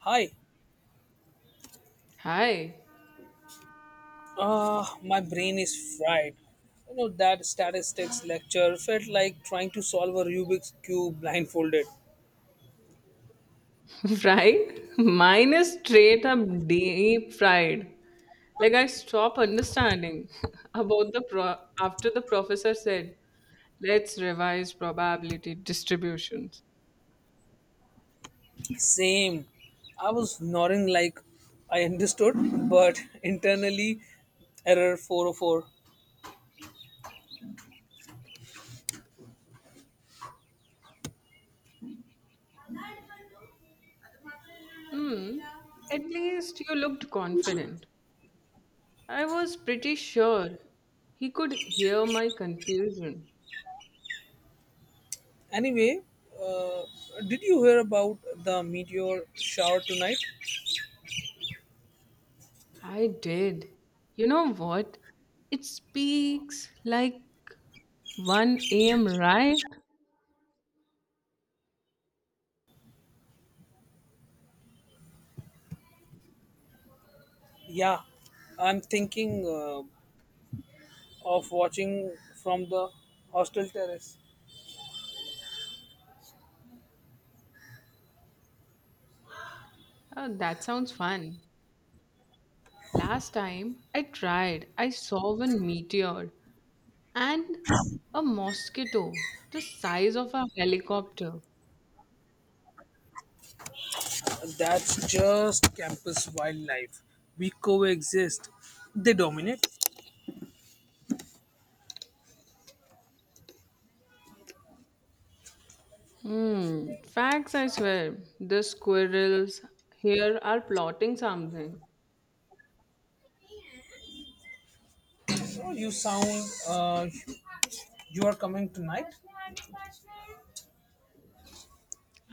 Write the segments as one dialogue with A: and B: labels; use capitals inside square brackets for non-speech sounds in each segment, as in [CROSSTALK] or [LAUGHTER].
A: Hi,
B: Hi,
A: my brain is fried. You know, that statistics lecture felt like trying to solve a Rubik's Cube blindfolded.
B: [LAUGHS] fried? Mine is straight up deep fried. Like I stop understanding [LAUGHS] about the pro after the professor said, let's revise probability distributions.
A: Same. I was nodding like I understood, but [LAUGHS] internally, error 404.
B: Hmm, at least you looked confident. I was pretty sure he could hear my confusion.
A: Anyway, uh, did you hear about the meteor shower tonight?
B: I did. You know what? It speaks like 1 a.m., right?
A: Yeah, I'm thinking of watching from the hostel terrace.
B: Oh, that sounds fun. Last time I tried, I saw one meteor and a mosquito the size of a helicopter.
A: That's just campus wildlife. We coexist. They dominate.
B: Hmm, facts, I swear. The squirrels here are plotting something.
A: Oh, you sound. You are coming tonight.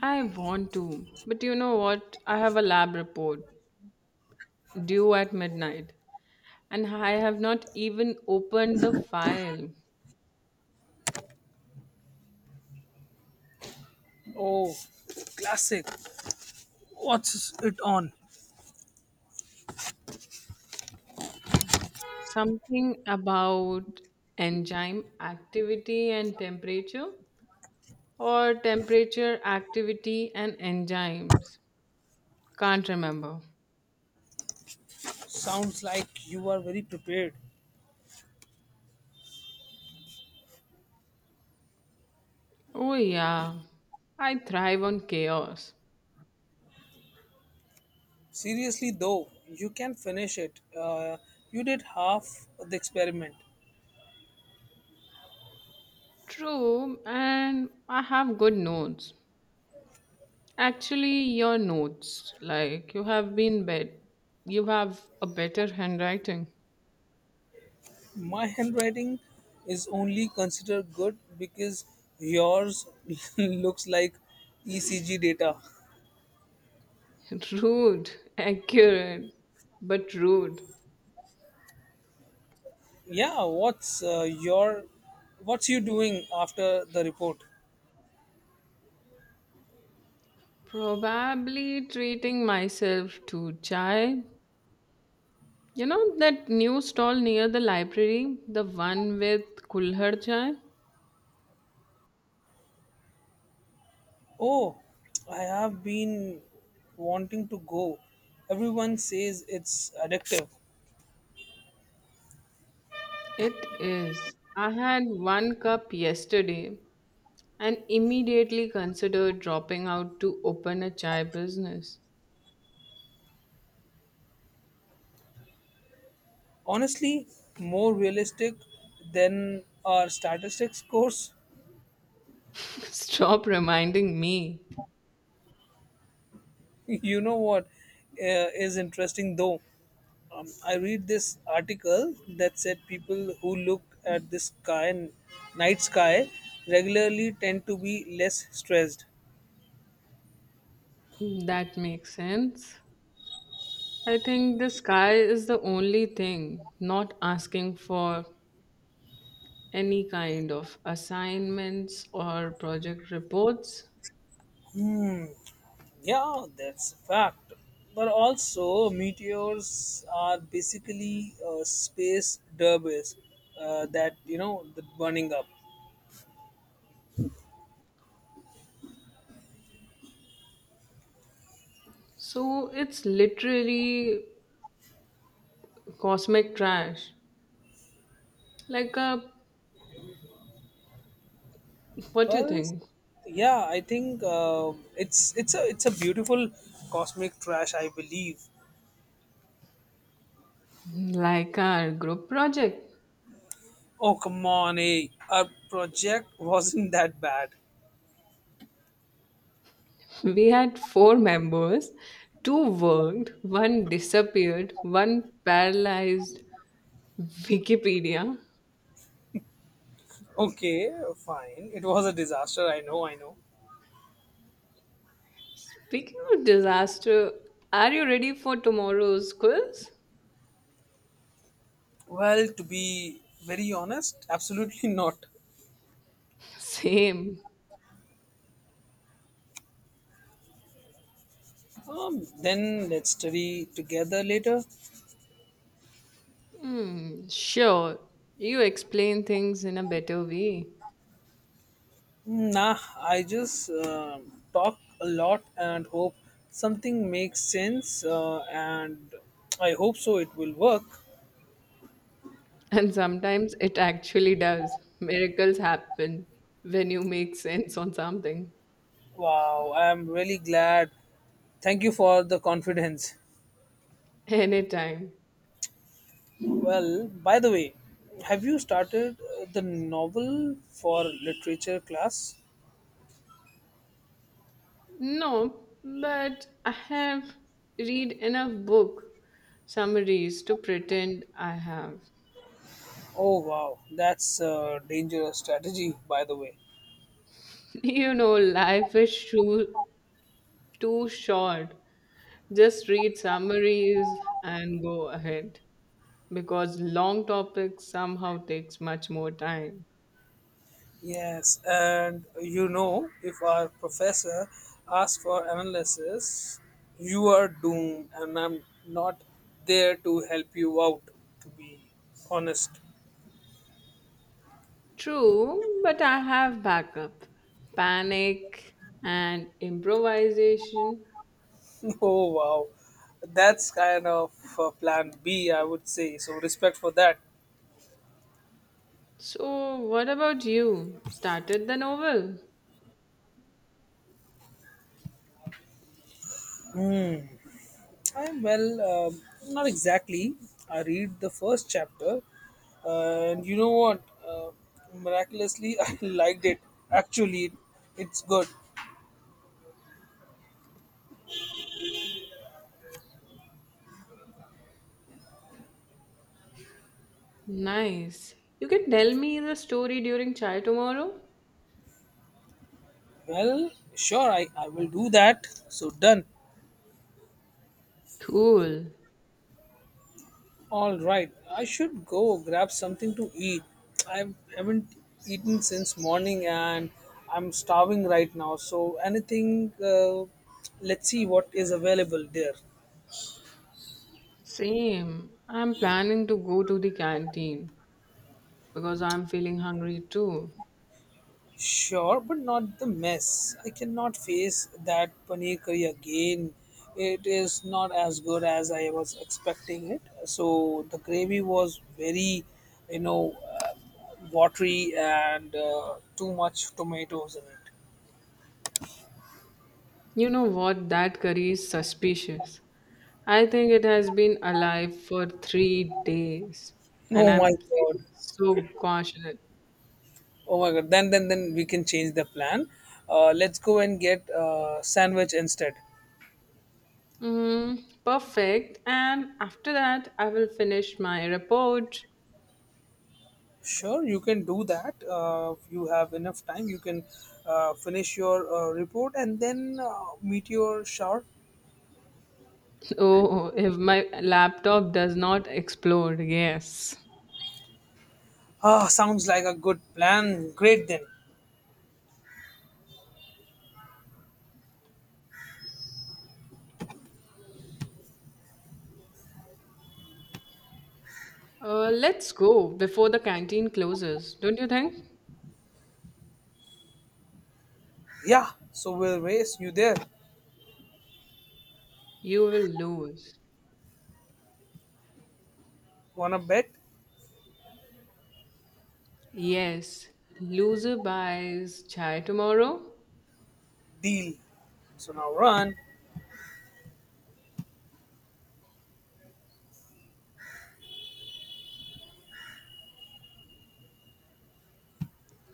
B: I want to, but you know what? I have a lab report due at midnight, and I have not even opened the file.
A: Oh, classic. What's it on?
B: Something about enzyme activity and temperature. Or temperature, activity, and enzymes. Can't remember.
A: Sounds like you are very prepared.
B: Oh, yeah. I thrive on chaos.
A: Seriously though, you can finish it. You did half the experiment.
B: True, and I have good notes. Actually, your notes, you have a better handwriting.
A: My handwriting is only considered good because yours [LAUGHS] looks like ECG data.
B: [LAUGHS] Rude, accurate, but rude.
A: Yeah, what's you doing after the report?
B: Probably treating myself to chai. You know that new stall near the library, the one with kulhar chai?
A: Oh, I have been wanting to go. Everyone says it's addictive.
B: It is. I had one cup yesterday and immediately considered dropping out to open a chai business.
A: Honestly, more realistic than our statistics course.
B: [LAUGHS] Stop reminding me.
A: [LAUGHS] You know what, is interesting though? I read this article that said people who look at the sky and night sky regularly tend to be less stressed.
B: That makes sense. I think the sky is the only thing not asking for any kind of assignments or project reports.
A: Hmm. Yeah, that's a fact. But also, meteors are basically space derbies that you know that burning up.
B: So it's literally cosmic trash. Like a What do you
A: Well,
B: think?
A: yeah, I think it's a beautiful cosmic trash. I believe.
B: Like our group project.
A: Oh come on, eh? Our project [LAUGHS] wasn't that bad.
B: We had four members. Two worked, one disappeared, one paralyzed Wikipedia.
A: Okay, fine. It was a disaster. I know. I know.
B: Speaking of disaster, are you ready for tomorrow's quiz?
A: Well, to be very honest, absolutely [LAUGHS] not.
B: Same.
A: Then let's study together later.
B: Hmm, sure. You explain things in a better way.
A: Nah, I just talk a lot and hope something makes sense, and I hope so it will work.
B: And sometimes it actually does. Miracles happen when you make sense on something.
A: Wow, I'm really glad. Thank you for the confidence.
B: Anytime.
A: Well, by the way, have you started the novel for literature class?
B: No, but I have read enough book summaries to pretend I have.
A: Oh, wow, that's a dangerous strategy, by the way.
B: [LAUGHS] You know, life is too short. Just read summaries and go ahead because long topics somehow takes much more time.
A: Yes, and you know, if our professor asks for analysis, you are doomed, and I'm not there to help you out, to be honest.
B: True, but I have backup, panic, and improvisation.
A: [LAUGHS] Oh, wow. That's kind of plan B, I would say. So, respect for that.
B: So, what about you? Started the novel?
A: I'm, well, um, not exactly. I read the first chapter, and you know what? Uh, Miraculously, [LAUGHS] I liked it. Actually, it's good.
B: Nice. You can tell me the story during chai tomorrow?
A: Well, sure, I will do that. So done.
B: Cool.
A: All right. I should go grab something to eat. I haven't eaten since morning and I'm starving right now. So anything, let's see what is available there.
B: Same. I'm planning to go to the canteen because I'm feeling hungry too.
A: Sure, but not the mess. I cannot face that paneer curry again. It is not as good as I was expecting it. So the gravy was very, you know, uh, watery and too much tomatoes in it.
B: You know what? That curry is suspicious. I think it has been alive for 3 days, and
A: Oh my
B: I'm feeling
A: god!
B: so cautious.
A: Oh my god! Then we can change the plan. Let's go and get sandwich instead.
B: Mm, perfect. And after that, I will finish my report. [LAUGHS]
A: Sure, you can do that. If you have enough time, you can finish your report and then meet your shower.
B: Oh, if my laptop does not explode, yes.
A: Ah, sounds like a good plan. Great then.
B: Let's go before the canteen closes, don't you think?
A: Yeah, so we'll race you there.
B: You will lose.
A: Wanna bet?
B: Yes, loser buys chai tomorrow.
A: Deal. So now run.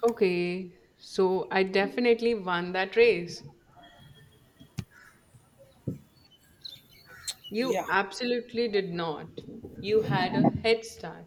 B: Okay, so I definitely won that race. You
A: Yeah.
B: absolutely did not. You had a head start.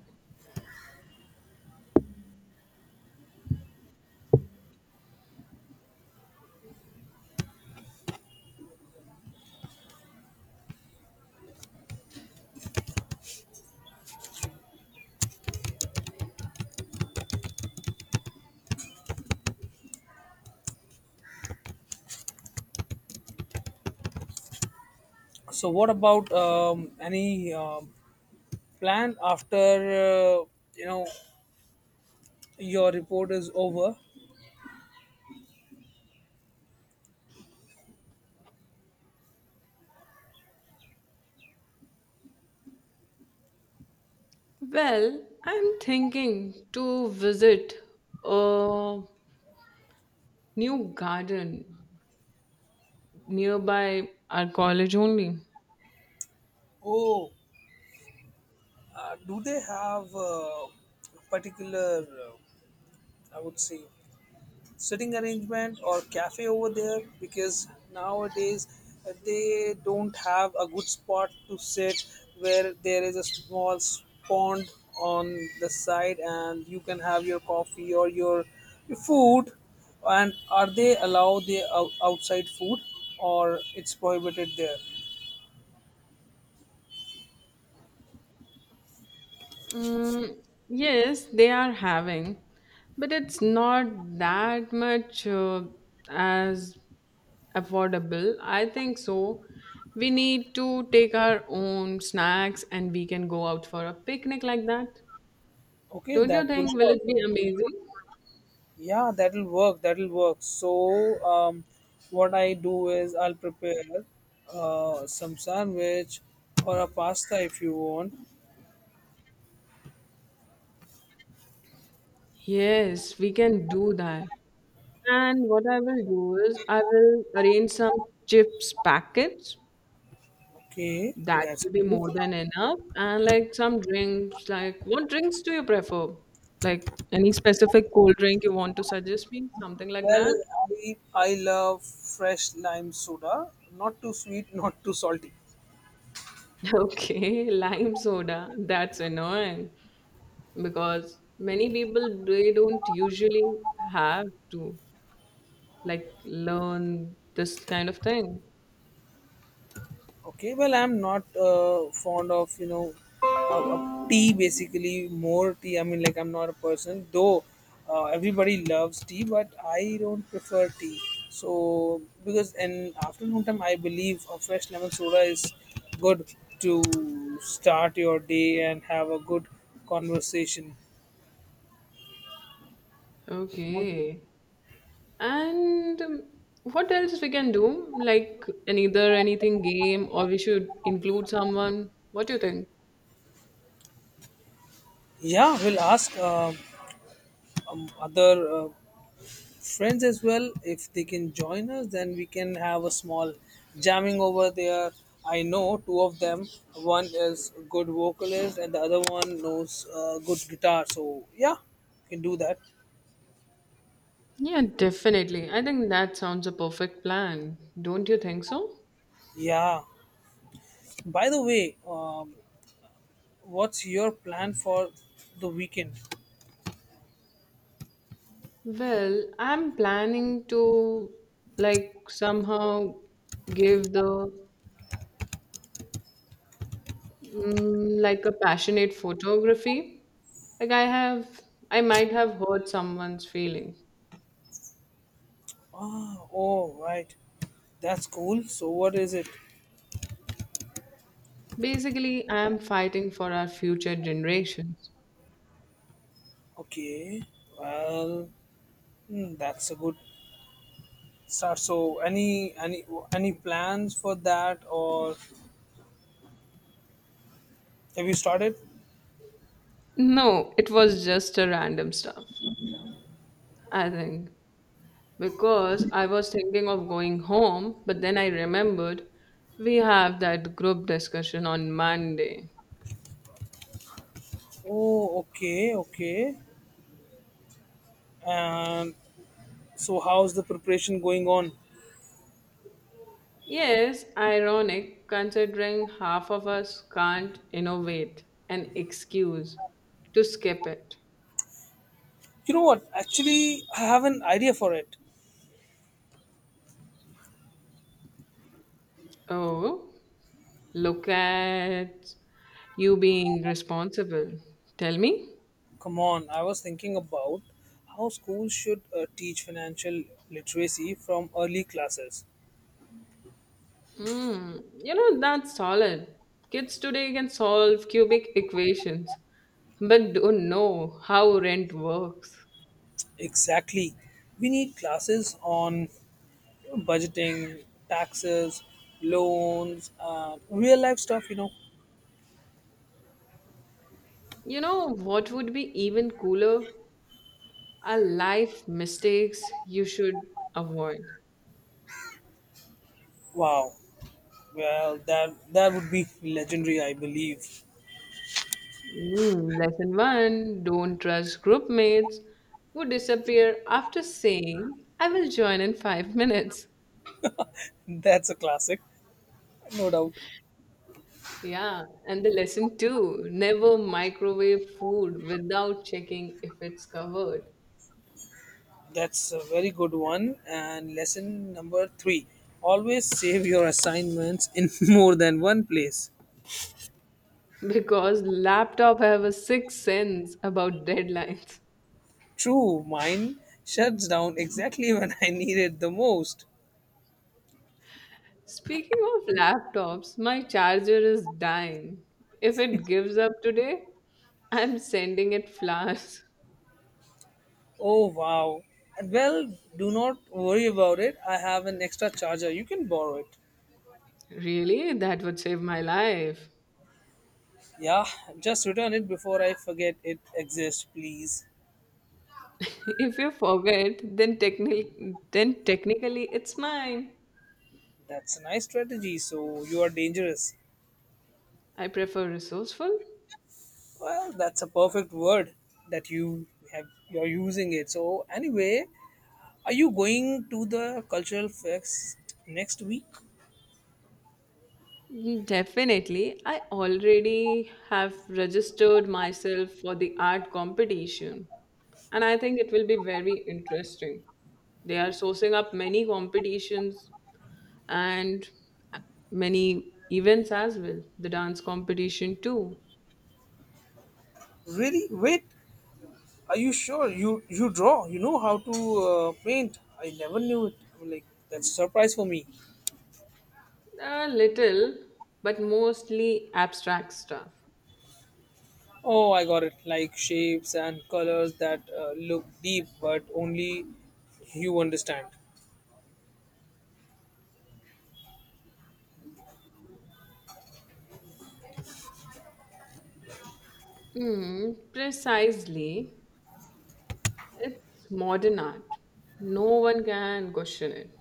A: So what about any plan after uh, you know your report is over?
B: Well, I'm thinking to visit a new garden nearby our college only.
A: Oh, do they have a particular? I would say sitting arrangement or cafe over there because nowadays they don't have a good spot to sit where there is a small pond on the side and you can have your coffee or your food and are they allow the outside food or it's prohibited there.
B: Mm, yes, they are having, but it's not that much as affordable. I think so we need to take our own snacks, and we can go out for a picnic like that.
A: Okay,
B: Don't you
A: that will
B: think? Will
A: work.
B: it be amazing?
A: Yeah, that'll work. That'll work. So, what I do is I'll prepare some sandwich or a pasta if you want.
B: Yes, we can do that, and what I will do is I will arrange some chips packets.
A: Okay,
B: That
A: that's
B: will be
A: good.
B: more than enough. And like some drinks, like what drinks do you prefer? Like any specific cold drink, you want to suggest me something like
A: Well,
B: that?
A: I love fresh lime soda. Not too sweet, [LAUGHS] not too salty.
B: [LAUGHS] Okay, lime soda, that's annoying because many people they don't usually have to like learn this kind of thing.
A: Okay, well, I'm not fond of you know of tea basically more tea. I mean, like I'm not a person though. Everybody loves tea, but I don't prefer tea. So because in afternoon time, I believe a fresh lemon soda is good to start your day and have a good conversation.
B: Okay. And what else we can do, like an either anything game, or we should include someone? What do you think?
A: Yeah, we'll ask other friends as well if they can join us then we can have a small jamming over there. I know two of them. One is good vocalist and the other one knows good guitar, so yeah, we can do that.
B: Yeah, definitely. I think that sounds a perfect plan. Don't you think so?
A: Yeah, by the way, what's your plan for the weekend?
B: Well, I'm planning to like somehow give the like a passionate photography. Like I have, I might have hurt someone's feelings.
A: Ah, oh right, that's cool. So what is it?
B: Basically, I am fighting for our future generations.
A: Okay. Well, hmm, that's a good start. So any plans for that or have you started?
B: No, it was just a random stuff, I think. Because I was thinking of going home, but then I remembered we have that group discussion on Monday.
A: Oh, okay, okay. And so, how's the preparation going on?
B: Yes, ironic considering half of us can't innovate an excuse to skip it.
A: You know what? Actually, I have an idea for it.
B: Oh, look at you being responsible. Tell me.
A: Come on, I was thinking about how schools should teach financial literacy from early classes.
B: Mm, you know, that's solid. Kids today can solve cubic equations, but don't know how rent works.
A: Exactly. We need classes on you know, budgeting, taxes, loans, and real life stuff, you know.
B: You know, what would be even cooler? Are life mistakes you should avoid.
A: Wow. Well, that would be legendary, I believe.
B: Mm, lesson one, don't trust group mates who disappear after saying, I will join in 5 minutes.
A: [LAUGHS] That's a classic. No doubt.
B: Yeah, and the lesson two, never microwave food without checking if it's covered.
A: That's a very good one. And lesson number three always save your assignments in [LAUGHS] more than one place.
B: [LAUGHS] Because laptop have a sixth sense about deadlines.
A: True, mine shuts down exactly [LAUGHS] when I need it the most.
B: [LAUGHS] Speaking of laptops, my charger is dying. If it gives up today, I'm sending it flowers. [LAUGHS]
A: Oh, wow. And well, do not worry about it. I have an extra charger. You can borrow it.
B: Really? That would save my life.
A: Yeah, just return it before I forget it exists, please.
B: [LAUGHS] If you forget, then technically it's mine.
A: That's a nice strategy. So you are dangerous.
B: I prefer resourceful.
A: Well, that's a perfect word that you're using it. So anyway, are you going to the cultural fest next week?
B: Mm, definitely. I already have registered myself for the art competition, and I think it will be very interesting. They are sourcing up many competitions and many events as well, the dance competition too.
A: Really? Wait, are you sure? You draw. You know how to paint. I never knew it. I'm like that's a surprise for me.
B: A little, but mostly abstract stuff.
A: Oh, I got it. Like shapes and colors that look deep, but only you understand.
B: Hmm, precisely. It's modern art. No one can question it.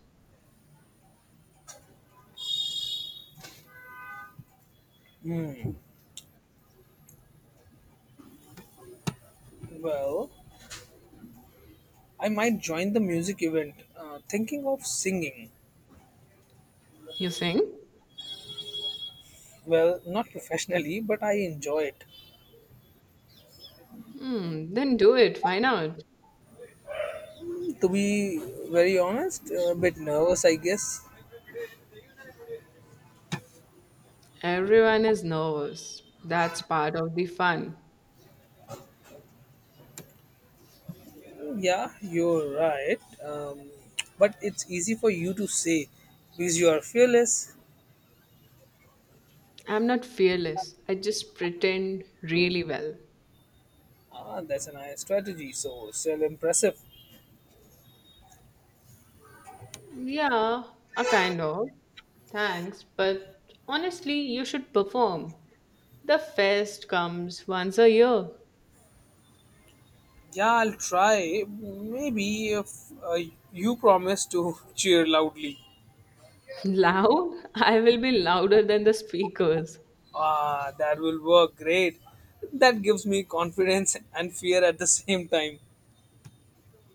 A: Hmm. Well, I might join the music event. Thinking of singing.
B: You think?
A: Well, not professionally, but I enjoy it.
B: Hmm, then do it. Why not?
A: To be very honest, a bit nervous, I guess.
B: Everyone is nervous. That's part of the fun.
A: Yeah, you're right. But it's easy for you to say because you are fearless.
B: I'm not fearless. I just pretend really well.
A: Ah, that's a nice strategy. So, still impressive.
B: Yeah, a kind of. Thanks, but honestly, you should perform. The fest comes once a year.
A: Yeah, I'll try. Maybe if uh, you promise to [LAUGHS] cheer loudly.
B: [LAUGHS] Loud? I will be louder than the speakers.
A: Ah, that will work great. That gives me confidence and fear at the same time.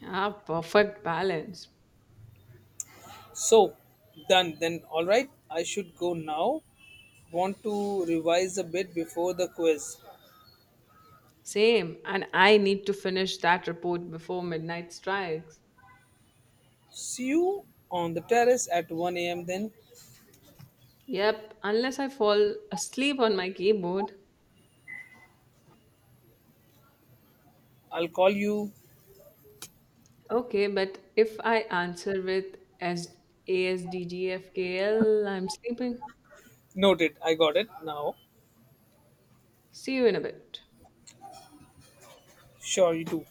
B: Ah, perfect balance.
A: So done then. All right, I should go now. Want to revise a bit before the quiz.
B: Same, and I need to finish that report before midnight strikes.
A: See you on the terrace at 1 a.m. then.
B: Yep, unless I fall asleep on my keyboard.
A: I'll call you.
B: Okay, but if I answer with ASDGFKL, am sleeping.
A: Noted, I got it now.
B: See you in a bit.
A: Sure, you do.